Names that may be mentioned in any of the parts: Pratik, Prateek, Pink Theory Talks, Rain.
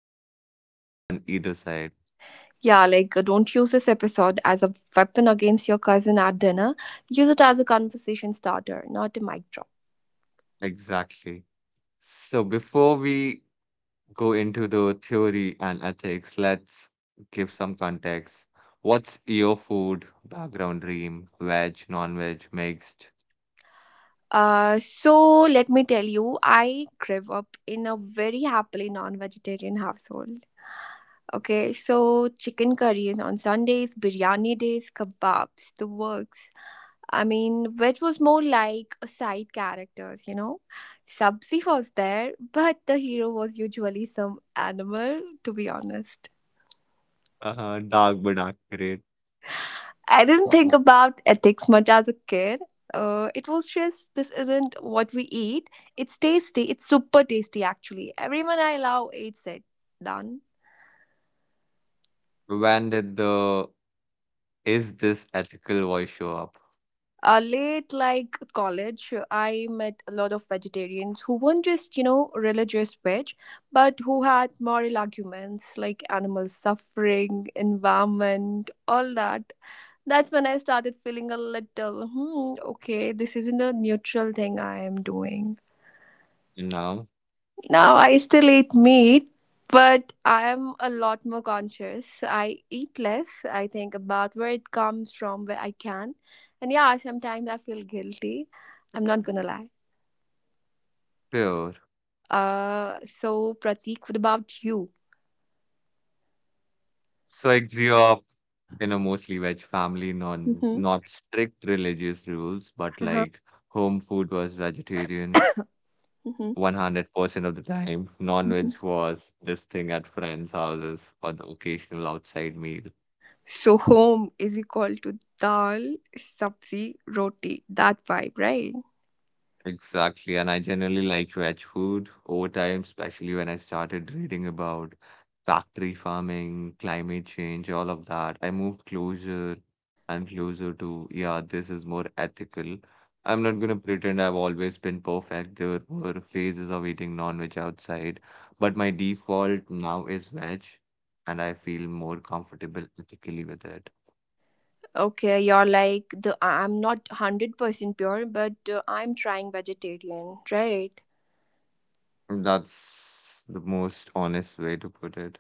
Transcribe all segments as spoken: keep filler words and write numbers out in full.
people on either side. Yeah, like uh, don't use this episode as a weapon against your cousin at dinner. Use it as a conversation starter, not a mic drop. Exactly. So before we go into the theory and ethics, let's give some context. What's your food background dream? Veg, non-veg, mixed, Uh, so let me tell you, I grew up in a very happily non-vegetarian household. Okay, so chicken curries on Sundays, biryani days, kebabs, the works. I mean, which was more like a side characters, you know. Subsi was there, but the hero was usually some animal, to be honest. uh, dark but accurate. I didn't think about ethics much as a kid. Uh, it was just this isn't what we eat. It's tasty. It's super tasty, actually. Everyone I love eats it. Done. When did the is this ethical voice show up? uh, late like college, I met a lot of vegetarians who weren't just, you know, religious veg, but who had moral arguments like animal suffering, environment, all that. That's when I started feeling a little hmm, okay, this isn't a neutral thing I am doing Now, now. I still eat meat, but I am a lot more conscious. I eat less, I think about where it comes from, where I can. And yeah, sometimes I feel guilty. I'm not gonna lie. pure. Uh, so Pratik, what about you? So I grew up, you know, mostly veg family, non Mm-hmm. not strict religious rules, but Uh-huh. like home food was vegetarian Mm-hmm. a hundred percent of the time. Mm-hmm. Non-veg was this thing at friends' houses or the occasional outside meal. So home is equal to dal, sabzi, roti. That vibe, right? Exactly, and I generally like veg food over time, especially when I started reading about factory farming, climate change, all of that. I moved closer and closer to, yeah, this is more ethical. I'm not gonna pretend I've always been perfect. There were phases of eating non-veg outside, but my default now is veg, and I feel more comfortable ethically with it. Okay, you're like the I- I'm not hundred percent pure, but uh, I'm trying vegetarian, right? That's the most honest way to put it.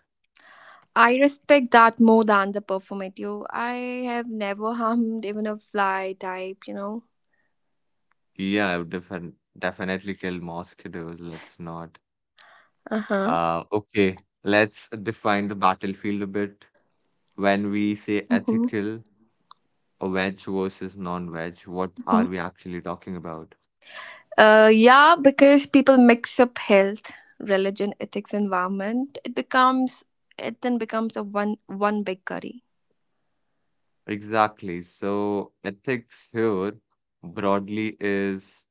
I respect that more than the performative. I have never harmed even a fly type, you know. Yeah, I would defin definitely kill mosquitoes. Let's not. Uh huh. Uh, okay, let's define the battlefield a bit. When we say Hmm. ethical or veg versus non-veg, what Hmm. are we actually talking about? Uh, yeah, because people mix up health, religion, ethics, environment. It becomes it then becomes a one one big curry. Exactly. So ethics here broadly is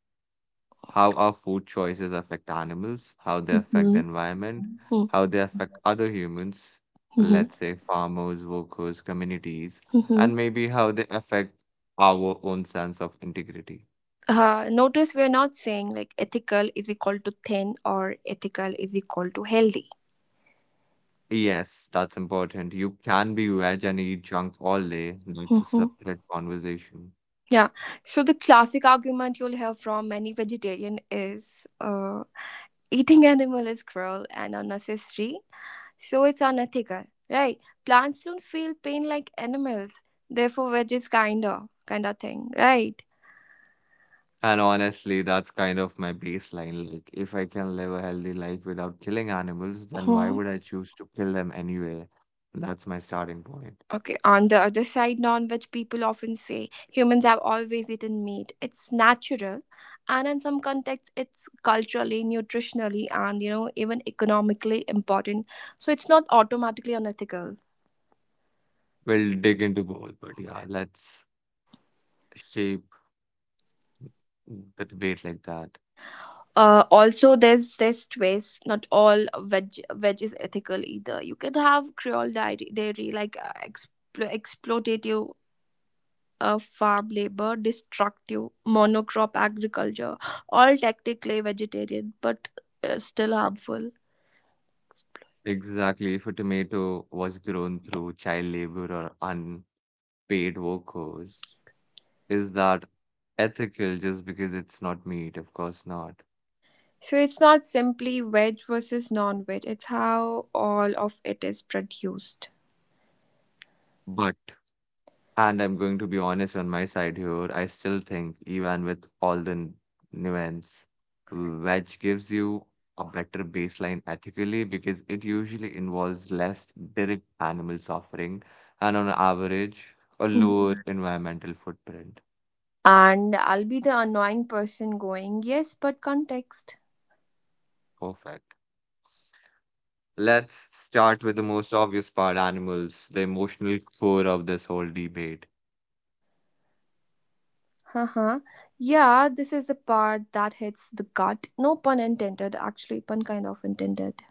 how our food choices affect animals, how they affect the Mm-hmm. environment, how they affect other humans, Mm-hmm. let's say farmers, workers, communities, Mm-hmm. and maybe how they affect our own sense of integrity. Uh, notice we're not saying like ethical is equal to thin or ethical is equal to healthy. Yes, that's important. You can be veg and eat junk all day. That's a separate conversation. Yeah. So the classic argument you'll hear from many vegetarian is uh, eating animal is cruel and unnecessary, so it's unethical, right? Plants don't feel pain like animals, therefore veg is kinda kind of thing, right? And honestly, that's kind of my baseline. Like, if I can live a healthy life without killing animals, then why Hmm. would I choose to kill them anyway? That's my starting point. Okay. On the other side, non-veg people often say humans have always eaten meat. It's natural, and in some contexts, it's culturally, nutritionally, and you know even economically important. So it's not automatically unethical. We'll dig into both, but yeah, let's shape the debate like that. Uh, also, there's this twist. Not all veg veg is ethical either. You can have Creole dairy, dairy like uh, explo- exploitative uh, farm labor, destructive monocrop agriculture, all technically vegetarian but uh, still harmful. Exactly. If a tomato was grown through child labor or unpaid workers, is that ethical just because it's not meat? Of course not. So it's not simply veg versus non-veg. It's how all of it is produced. But, and I'm going to be honest on my side here. I still think, even with all the n- nuance, wedge gives you a better baseline ethically because it usually involves less direct animal suffering and, on average, a lower Mhm. environmental footprint. And I'll be the annoying person going, yes, but context. Perfect. Let's start with the most obvious part animals, the emotional core of this whole debate. Uh-huh. Yeah, this is the part that hits the gut. No pun intended, actually, pun kind of intended.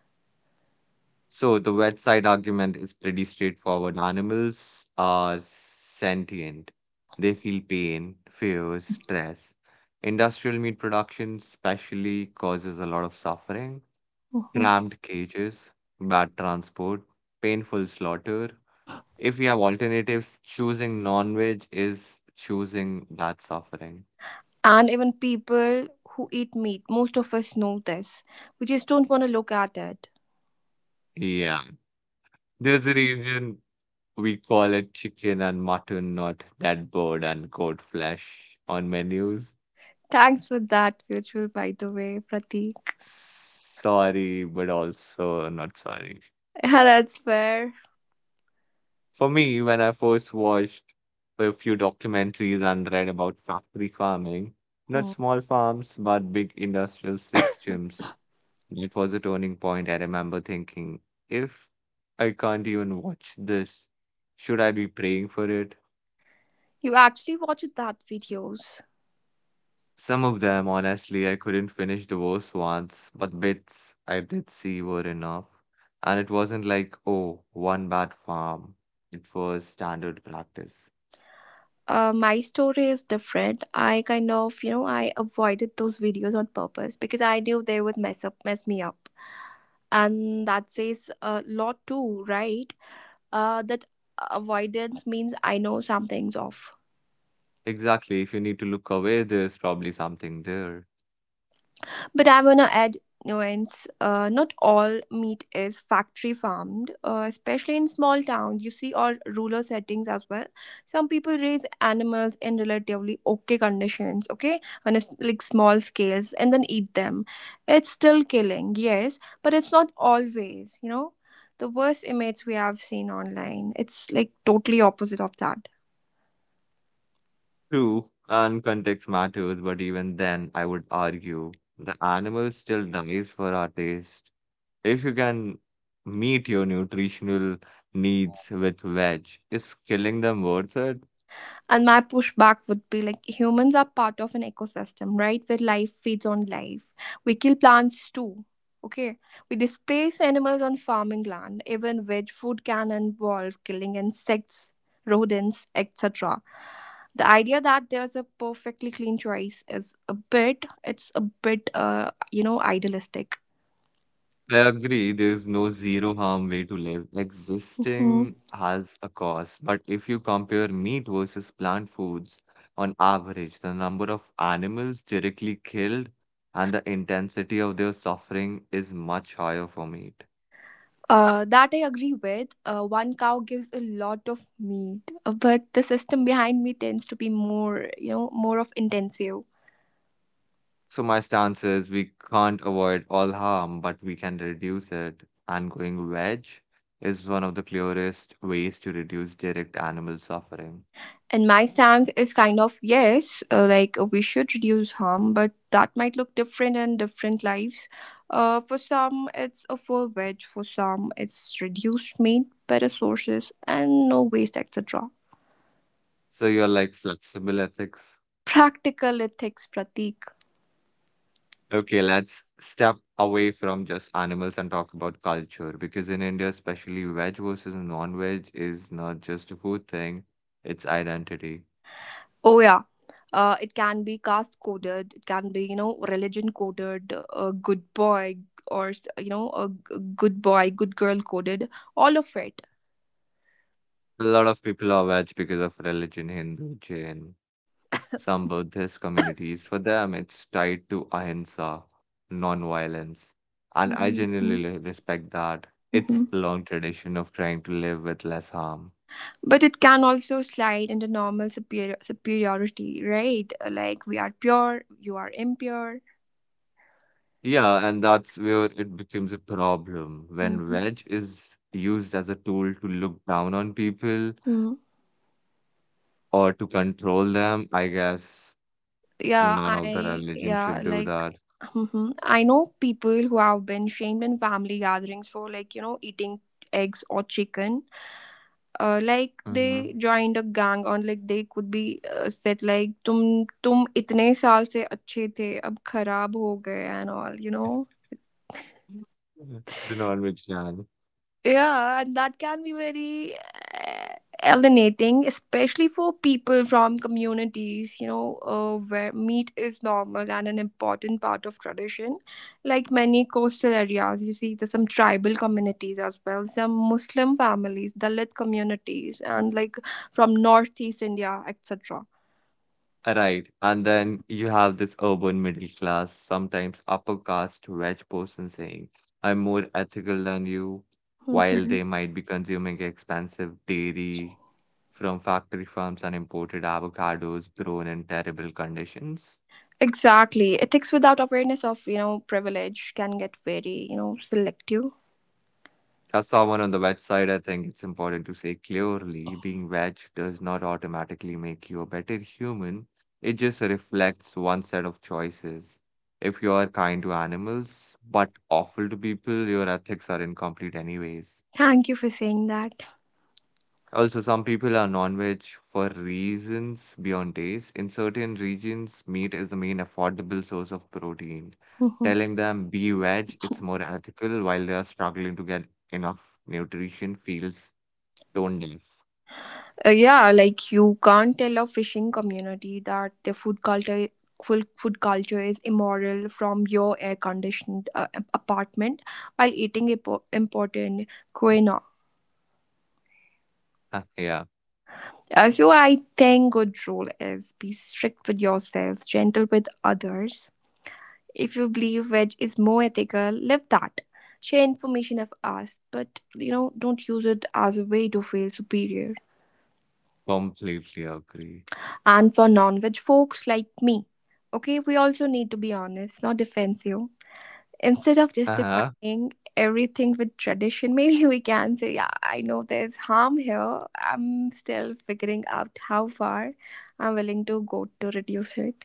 So the wet side argument is pretty straightforward. Animals are sentient. They feel pain, fear, stress. Industrial meat production especially causes a lot of suffering, Mhm. cramped cages, bad transport, painful slaughter. If we have alternatives, choosing non-veg is choosing that suffering. And even people who eat meat, most of us know this. We just don't want to look at it. Yeah. There's a reason we call it chicken and mutton, not that bird and goat flesh on menus. Thanks for that, Virtual, by the way, Pratik. Sorry, but also not sorry. Yeah, that's fair. For me, when I first watched a few documentaries and read about factory farming, not Hmm. small farms, but big industrial systems, it was a turning point. I remember thinking, if I can't even watch this, should I be praying for it? You actually watched that videos. Some of them, honestly, I couldn't finish the worst ones, but bits I did see were enough. And it wasn't like, oh, one bad farm. It was standard practice. uh, my story is different. I kind of, you know, I avoided those videos on purpose because I knew they would mess up, mess me up, and that says a lot too, right? Uh, that avoidance means I know something's off. Exactly, if you need to look away, there's probably something there. But I want to add nuance. Uh, not all meat is factory farmed, uh, especially in small towns, you see, or rural settings as well. Some people raise animals in relatively okay conditions, okay, on a s- like small scales, and then eat them. It's still killing, yes, but it's not always, you know. The worst images we have seen online, it's like totally opposite of that. True, and context matters, but even then, I would argue the animal still dies for our taste. If you can meet your nutritional needs with veg, is killing them worth it? And my pushback would be like humans are part of an ecosystem, right? Where life feeds on life. We kill plants too. Okay. We displace animals on farming land. Even veg food can involve killing insects, rodents, et cetera. The idea that there's a perfectly clean choice is a bit, it's a bit, uh, you know, idealistic. I agree. There's no zero harm way to live. Mhm. Existing has a cost. But if you compare meat versus plant foods, on average, the number of animals directly killed and the intensity of their suffering is much higher for meat. Uh, that I agree with. Uh, one cow gives a lot of meat, uh, but the system behind me tends to be more, you know, more of intensive. So my stance is we can't avoid all harm, but we can reduce it. And going veg is one of the clearest ways to reduce direct animal suffering. And my stance is kind of yes, uh, like uh, we should reduce harm, but that might look different in different lives. Uh, for some, it's a full veg. For some, it's reduced meat, better sources, and no waste, et cetera. So you're like flexible ethics. Practical ethics, Pratik. Okay, let's step away from just animals and talk about culture because in India, especially veg versus non-veg is not just a food thing, it's identity. Oh yeah. Uh, it can be caste coded. It can be, you know, religion coded. Uh, good boy or, you know, a g- good boy, good girl coded. All of it. A lot of people are veg because of religion, Hindu, Jain, some Buddhist communities. For them, it's tied to ahimsa, non-violence. And I Hmm. genuinely li- respect that. Hmm. It's a long tradition of trying to live with less harm. But it can also slide into normal superior superiority, right? Uh, like we are pure, you are impure. Yeah, and that's where it becomes a problem when Mhm. wedge is used as a tool to look down on people Mm. or to control them. I guess Yeah, none of the I religion yeah should do like. that. Hmm. I know people who have been shamed in family gatherings for like, you know, eating eggs or chicken, uh, like Mm-hmm. they joined a gang on like they could be uh, said like तुम तुम इतने साल से अच्छे थे अब खराब हो गए and all, you know. Do not make can. Yeah, and that can be very uh, alienating, especially for people from communities, you know, uh, where meat is normal and an important part of tradition. Like many coastal areas, you see, there's some tribal communities as well, some Muslim families, Dalit communities, and like from Northeast India, et cetera. Right. And then you have this urban middle class, sometimes upper caste wedge person saying, I'm more ethical than you, while Mhm. they might be consuming expensive dairy from factory farms and imported avocados grown in terrible conditions. Exactly. Ethics without awareness of, you know, privilege can get very, you know, selective. As someone on the wedge side, I think it's important to say clearly being veg does not automatically make you a better human. It just reflects one set of choices. If you are kind to animals but awful to people, your ethics are incomplete anyways. Thank you for saying that. Also, some people are non-veg for reasons beyond taste. In certain regions, meat is the main affordable source of protein. Telling them be veg, it's more ethical while they are struggling to get enough nutrition feels tone deaf. Uh, yeah, like you can't tell a fishing community that their food culture full food culture is immoral from your air conditioned uh, ap- apartment while eating impo- important quinoa. Huh, yeah, Uh, so I think good rule is be strict with yourself, gentle with others. If you believe veg is more ethical, live that. Share information if asked, but you know, don't use it as a way to feel superior. completely agree. And for non-veg folks like me, okay, we also need to be honest, not defensive. Instead of Uh-huh. justifying everything with tradition, maybe we can say, yeah, I know there's harm here. I'm still figuring out how far I'm willing to go to reduce it.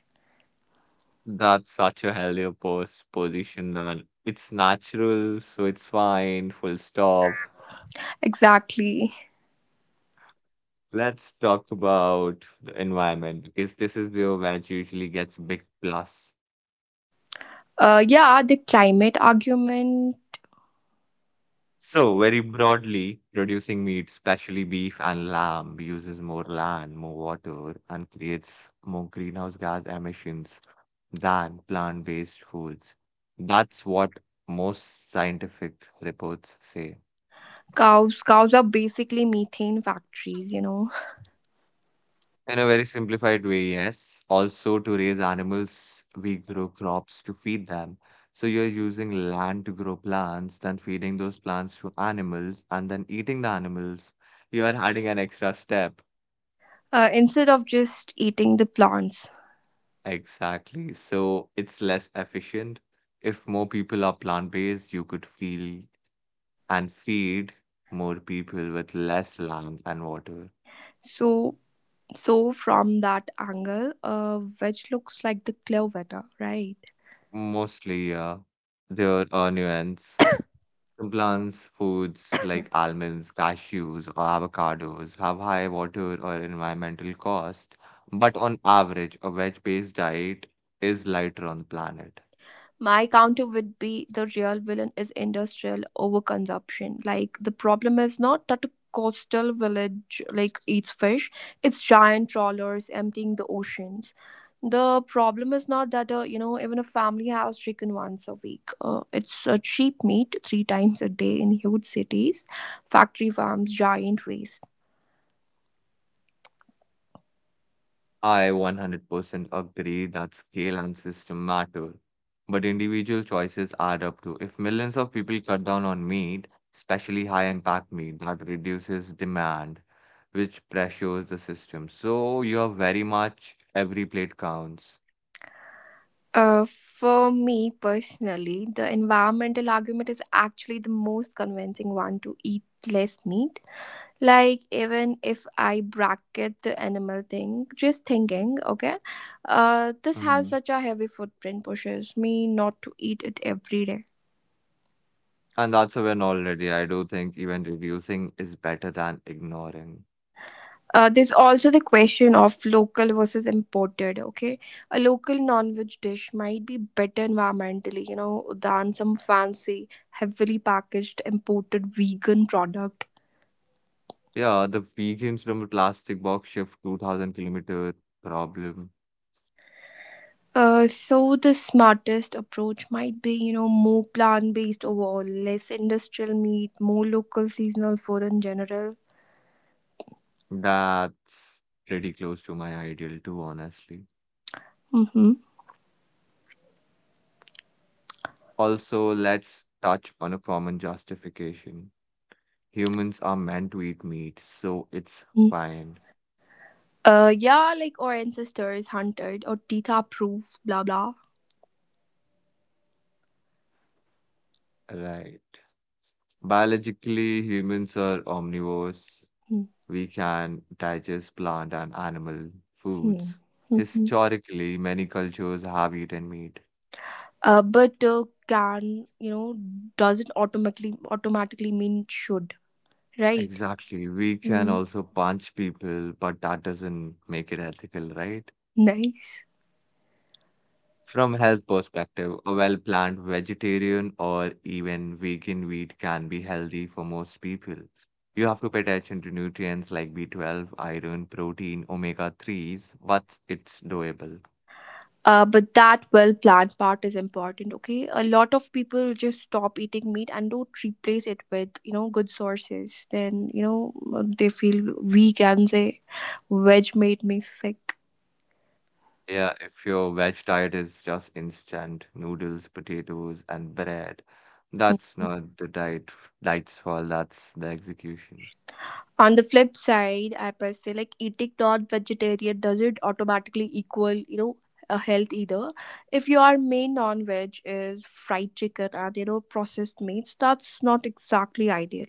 That's such a healthier pos position and it's natural, so it's fine, full stop. Exactly. Let's talk about the environment because this is the where it usually gets big plus. Uh, yeah, the climate argument. So very broadly, producing meat, especially beef and lamb, uses more land, more water, and creates more greenhouse gas emissions than plant-based foods. That's what most scientific reports say. Cows, cows are basically methane factories, you know. In a very simplified way, yes. Also, to raise animals, we grow crops to feed them. So you're using land to grow plants, then feeding those plants to animals, and then eating the animals. You are adding an extra step. Uh, instead of just eating the plants, Exactly. So it's less efficient. If more people are plant-based, you could feel and feed more people with less land and water. so So, from that angle, uh, which looks like the clear winner, right? Mostly, yeah. There are nuance. Some plants, foods like almonds, cashews, or avocados have high water or environmental cost, but on average, a veg-based diet is lighter on the planet. My counter would be the real villain is industrial overconsumption. Like, the problem is not that a coastal village like eats fish, it's giant trawlers emptying the oceans. The problem is not that, uh, you know, even a family has chicken once a week. Uh, it's uh, cheap meat three times a day in huge cities, factory farms, giant waste. I a hundred percent agree that scale and system matter, but individual choices add up too. If millions of people cut down on meat, especially high impact meat, that reduces demand, which pressures the system. So you're very much every plate counts. Uh, for me personally, the environmental argument is actually the most convincing one to eat less meat. Like, even if I bracket the animal thing, just thinking, okay, uh, this has Mhm. such a heavy footprint, pushes me not to eat it every day. And that's a win already. I do think even reducing is better than ignoring. Uh, there's also the question of local versus imported. Okay, a local non-veg dish might be better environmentally, you know, than some fancy, heavily packaged imported vegan product. Yeah, the vegans from the plastic box shift two thousand kilometer problem. Uh, so the smartest approach might be, you know, more plant-based overall, less industrial meat, more local seasonal food in general. That's pretty close to my ideal too, honestly. Mm-hmm. Also, let's touch on a common justification. Humans are meant to eat meat, so it's Mm. fine, Uh, yeah, like our ancestors hunted or tita proof, blah blah. right? Biologically, humans are omnivores. We can digest plant and animal Mm-hmm. foods. Mm-hmm. Historically, many cultures have eaten meat. Uh, but uh, can, you know, doesn't automatically automatically mean should, right? Exactly. We can Mm. also punch people, but that doesn't make it ethical, right? Nice. From health perspective, a well-planned vegetarian or even vegan meat can be healthy for most people. You have to pay attention to nutrients like B twelve, iron, protein, omega threes, but it's doable. uh, but that well planned part is important, okay, a lot of people just stop eating meat and don't replace it with, you know, good sources, then, you know, they feel weak and say veg made me sick. Yeah, if your veg diet is just instant noodles, potatoes, and bread, Mhm. that's not the diet. F- Diet's for that's the execution. On the flip side, I must say like eating non-vegetarian doesn't automatically equal, you know, a health either. If your main non-veg is fried chicken and, you know, processed meats, that's not exactly ideal.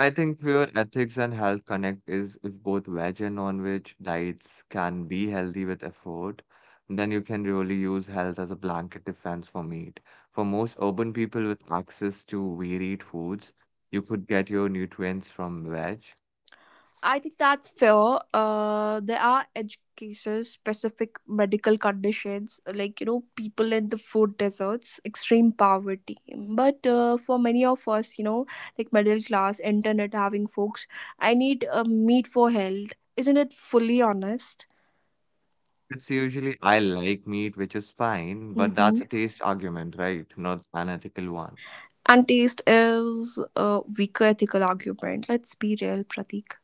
I think where ethics and health connect is if both veg and non-veg diets can be healthy with effort, then you can really use health as a blanket defense for meat. For most urban people with access to varied foods, you could get your nutrients from veg. I think that's fair. Uh, there are edge cases, specific medical conditions, like, you know, people in the food deserts, extreme poverty. But uh, for many of us, you know, like middle class, internet having folks, I need uh, meat for health. Isn't it fully honest? It's usually I like meat, which is fine, but that's Mm-hmm. a taste argument, right? Not an ethical one. And taste is a weaker ethical argument. Let's be real, Pratik.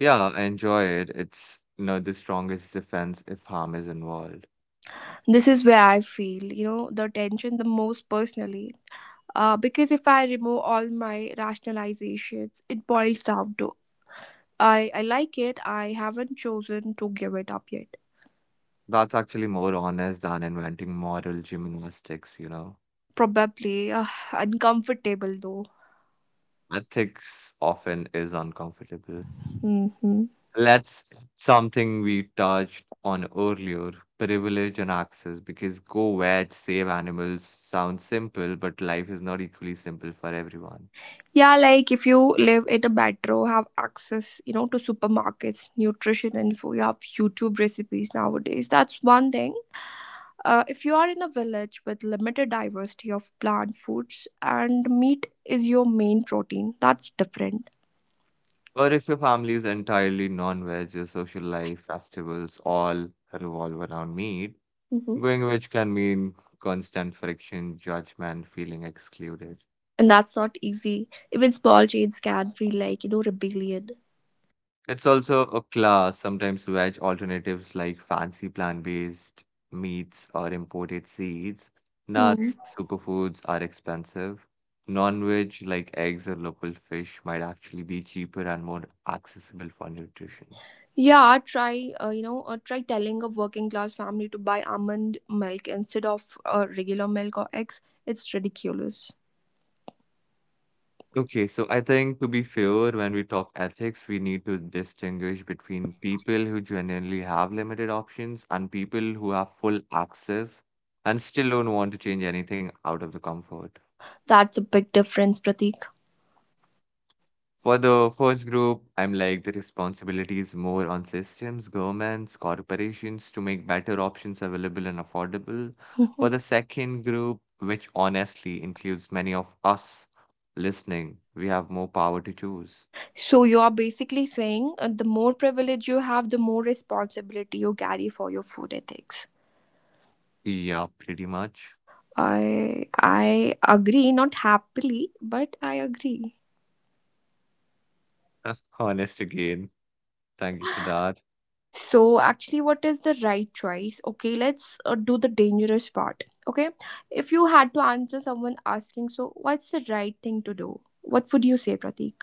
Yeah, enjoy it. It's you know the strongest defense if harm is involved. This is where I feel, you know, the tension the most personally. Uh, because if I remove all my rationalizations, it boils down to I, I like it, I haven't chosen to give it up yet. That's actually more honest than inventing moral gymnastics, you know. Probably uh, uncomfortable though. Ethics often is uncomfortable. Hmm. Let's something we touched on earlier, privilege and access, because go veg, save animals sounds simple, but life is not equally simple for everyone. Yeah, like if you live in a metro, have access, you know, to supermarkets, nutrition info, you have YouTube recipes nowadays. That's one thing. Uh, if you are in a village with limited diversity of plant foods and meat is your main protein, that's different. Or if your family is entirely non-veg, your social life, festivals, all revolve around meat, going veg can mean constant friction, judgment, feeling excluded. And that's not easy. Even small change can feel like you know rebellion. It's also a class. Sometimes veg alternatives like fancy plant-based meats or imported seeds. Hmm. Nuts, superfoods are expensive. Non-veg like eggs or local fish might actually be cheaper and more accessible for nutrition. Yeah, try uh, you know uh, try telling a working class family to buy almond milk instead of uh, regular milk or eggs. It's ridiculous. Okay, so I think to be fair, when we talk ethics, we need to distinguish between people who genuinely have limited options and people who have full access and still don't want to change anything out of the comfort. That's a big difference, Pratik. For the first group, I'm like the responsibility is more on systems, governments, corporations to make better options available and affordable. For the second group, which honestly includes many of us listening, we have more power to choose. So you are basically saying uh, the more privilege you have, the more responsibility you carry for your food ethics. Yeah, pretty much. I I agree, not happily, but I agree. Honest again. Thank you for that. So actually, what is the right choice? Okay, let's uh, do the dangerous part. Okay, if you had to answer someone asking, so what's the right thing to do? What would you say, Pratik?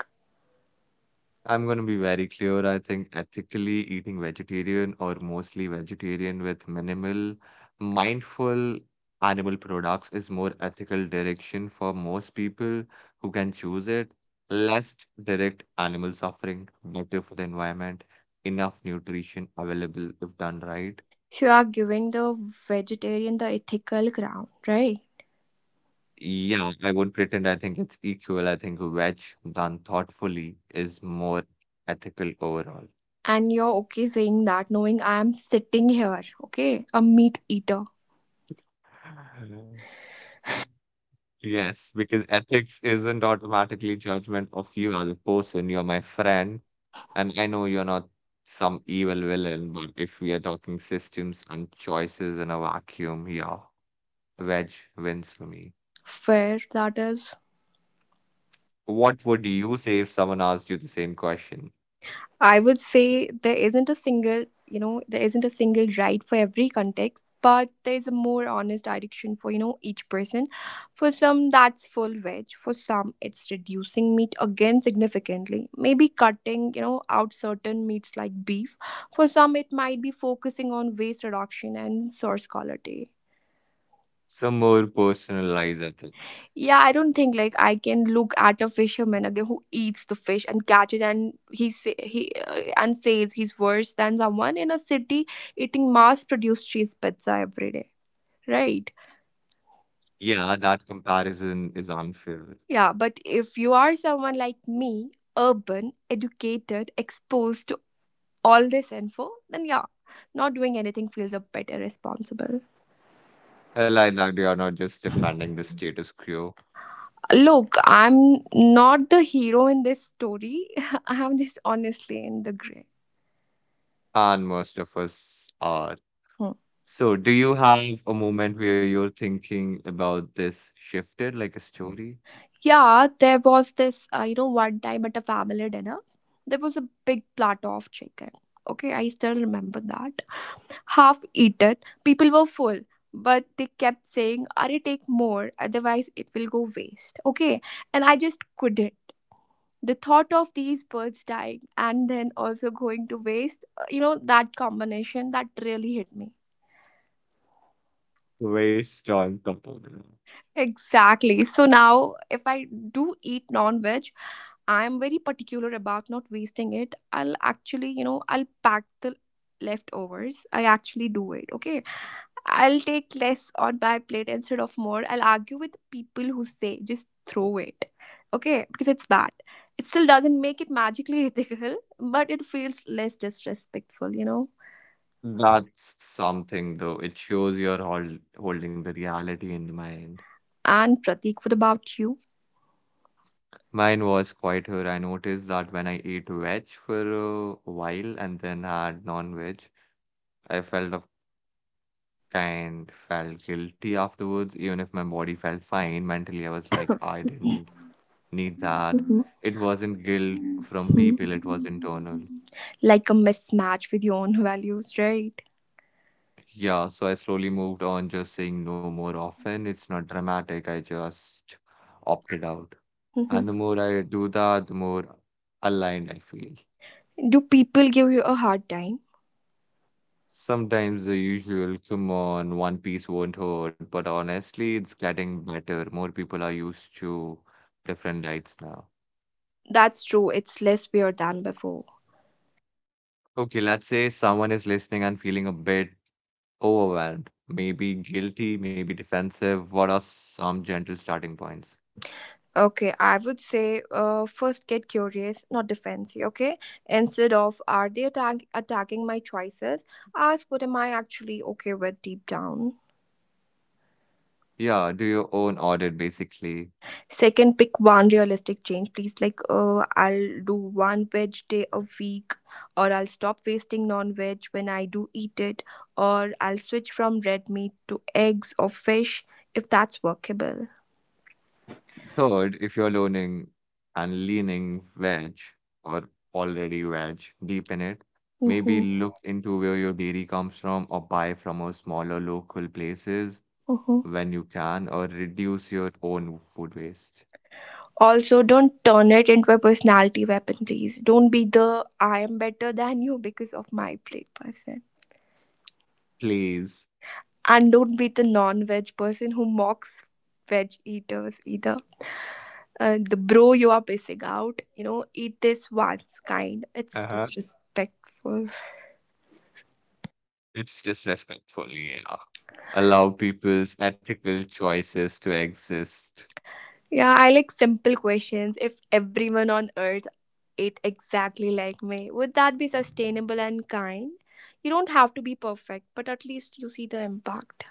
I'm going to be very clear. I think ethically eating vegetarian or mostly vegetarian with minimal, mindful animal products is more ethical direction for most people who can choose it. Less direct animal suffering, better for the environment, enough nutrition available if done right. So you are giving the vegetarian the ethical ground, right? Yeah, I won't pretend I think it's equal. I think veg done thoughtfully is more ethical overall. And you're okay saying that, knowing I am sitting here, okay? A meat eater. Yes, because ethics isn't automatically judgment of you as a person. You're my friend, and I know you're not some evil villain, but if we are talking systems and choices in a vacuum, yeah, veg wins for me. Fair, that is. What would you say if someone asked you the same question? I would say there isn't a single, you know, there isn't a single right for every context, but there's a more honest direction for, you know, each person. For some, that's full veg. For some, it's reducing meat again significantly. Maybe cutting, you know, out certain meats like beef. For some, it might be focusing on waste reduction and source quality. Some more personalized ethics. Yeah, I don't think like I can look at a fisherman again who eats the fish and catches and he say, he uh, and says he's worse than someone in a city eating mass-produced cheese pizza every day, right? Yeah, that comparison is unfair. Yeah, but if you are someone like me, urban, educated, exposed to all this info, then yeah, not doing anything feels a bit irresponsible. I like that you are not just defending the status quo, Look, I'm not the hero in this story. I'm just honestly in the gray. and most of us are. Hmm. So, do you have a moment where you're thinking about this shifted like a story? Yeah, there was this, uh, you know, one time at a family dinner, there was a big platter of chicken. Okay, I still remember that. Half eaten, people were full, but they kept saying, are take more, otherwise it will go waste. Okay, and I just couldn't. The thought of these birds dying and then also going to waste, uh, you know, that combination that really hit me. Very strong component. Exactly. So now, if I do eat non veg, I'm very particular about not wasting it. I'll actually, you know, I'll pack the leftovers. I actually do it. Okay. I'll take less on my plate instead of more. I'll argue with people who say just throw it. Okay. Because it's bad. It still doesn't make it magically ethical, but it feels less disrespectful, you know. That's something though. It shows you're hol- holding the reality in mind. And Pratik, what about you? Mine was quite her. I noticed that when I ate veg for a while and then had non-veg, I felt of kind felt guilty afterwards. Even if my body felt fine, mentally I was like, I didn't need that. It wasn't guilt from Hmm. people, it was internal. Like a mismatch with your own values, right? Yeah, so I slowly moved on, just saying no more often. It's not dramatic. I just opted out. Mhm. And the more I do that, the more aligned I feel. Do people give you a hard time? Sometimes the usual, come on, one piece won't hurt, but honestly, it's getting better. More people are used to different diets now. That's true. It's less weird than before. Okay, let's say someone is listening and feeling a bit overwhelmed, maybe guilty, maybe defensive. What are some gentle starting points? Okay, I would say uh, first get curious, not defensive. Okay, instead of are they attack- attacking my choices, ask what am I actually okay with deep down. Yeah, do your own audit basically. Second, pick one realistic change, please. Like, uh, I'll do one veg day a week, or I'll stop wasting non veg when I do eat it, or I'll switch from red meat to eggs or fish if that's workable. Third, if you're learning and leaning veg or already veg deep in it, maybe Mm-hmm. look into where your dairy comes from or buy from a smaller local places Mm-hmm. when you can or reduce your own food waste. Also, don't turn it into a personality weapon, please. Don't be the I am better than you because of my plate person. Please. And don't be the non veg person who mocks veg eaters either. Uh, the bro, you are missing out. You know, eat this once kind. It's Uh-huh. disrespectful. It's just respectful, yeah. Allow people's ethical choices to exist. Yeah, I like simple questions. If everyone on earth ate exactly like me, would that be sustainable and kind? You don't have to be perfect, but at least you see the impact.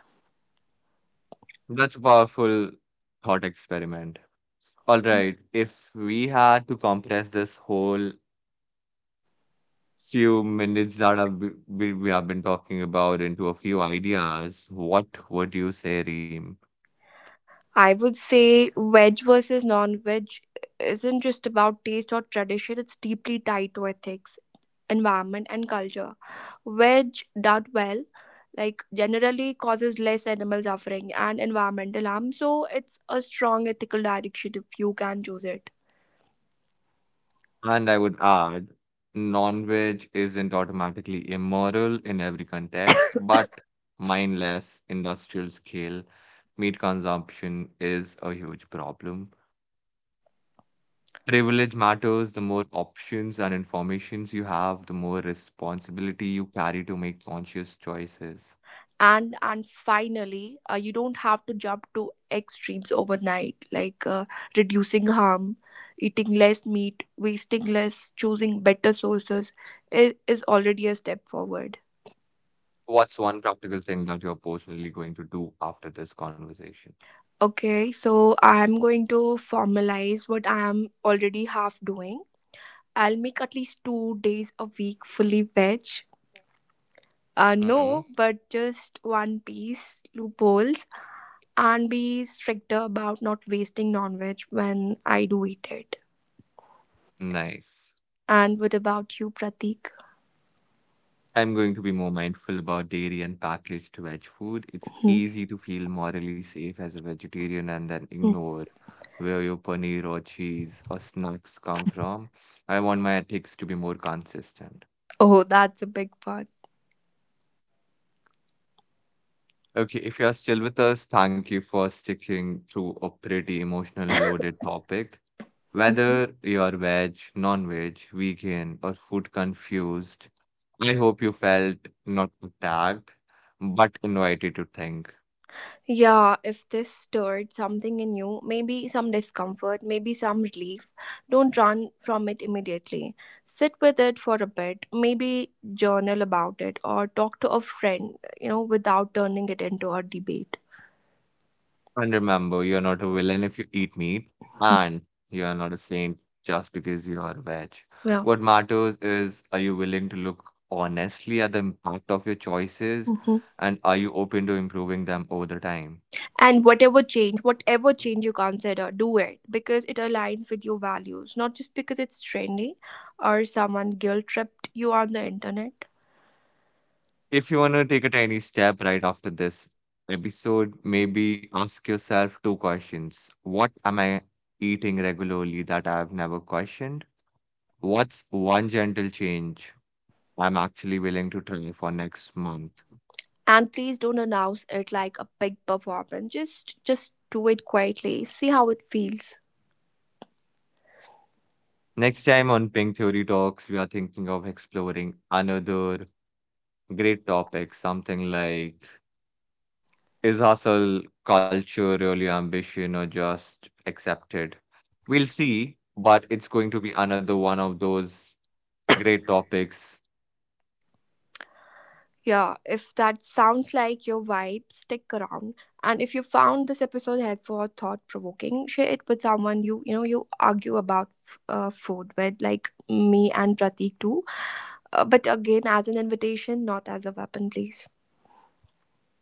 That's a powerful thought experiment. All right, if we had to compress this whole few minutes that have we, we we have been talking about into a few ideas, what would you say, Reem? I would say veg versus non veg isn't just about taste or tradition, it's deeply tied to ethics, environment, and culture. Veg done well, like generally causes less animal suffering and environmental harm, so it's a strong ethical direction if you can choose it. And I would add, non-veg isn't automatically immoral in every context, but mindless industrial scale meat consumption is a huge problem. Privilege matters. The more options and informations you have, the more responsibility you carry to make conscious choices. and and finally uh, you don't have to jump to extremes overnight like uh, reducing harm, eating less meat, wasting less, choosing better sources is, is already a step forward. What's one practical thing that you're personally going to do after this conversation? Okay, so I'm going to formalize what I am already half doing. I'll make at least two days a week fully veg, uh, Hmm. no but just one piece loopholes, and be stricter about not wasting non-veg when I do eat it. Nice. And what about you, Pratik? I'm going to be more mindful about dairy and packaged veg food. It's Hmm, easy to feel morally safe as a vegetarian and then hmm. ignore where your paneer or cheese or snacks come from. I want my ethics to be more consistent. Oh, that's a big one. Okay, if you're still with us, thank you for sticking through a pretty emotional loaded topic. Whether you're veg, non veg, vegan, or food confused, I hope you felt not attacked, but invited to think. Yeah, if this stirred something in you, maybe some discomfort, maybe some relief, don't run from it immediately. Sit with it for a bit, maybe journal about it or talk to a friend, you know, without turning it into a debate. And remember, you're not a villain if you eat meat, Hmm. and you are not a saint just because you are veg. Yeah. What matters is are you willing to look honestly at the impact of your choices, Mhm. and are you open to improving them over the time? And whatever change, whatever change you consider, do it because it aligns with your values, not just because it's trendy or someone guilt tripped you on the internet. If you want to take a tiny step right after this episode, maybe ask yourself two questions. What am I eating regularly that I've never questioned? What's one gentle change I'm actually willing to try for next month? And please don't announce it like a big performance. Just just do it quietly. See how it feels. Next time on Pink Theory Talks, we are thinking of exploring another great topic, something like is hustle culture really ambition or just accepted? We'll see, but it's going to be another one of those great topics. Yeah, if that sounds like your vibe, stick around. And if you found this episode helpful or thought provoking, share it with someone you you know you argue about f- uh, food with, like me and Pratik too. Uh, but again, as an invitation, not as a weapon, please.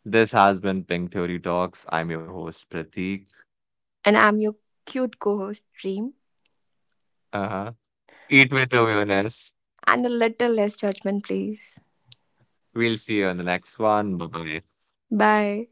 This has been Pink Theory Talks. I'm your host, Prateek. And I'm your cute co-host, Dream, Uh-huh. Eat with awareness. and a little less judgment, please. We'll see you on the next one. Bye bye. Bye.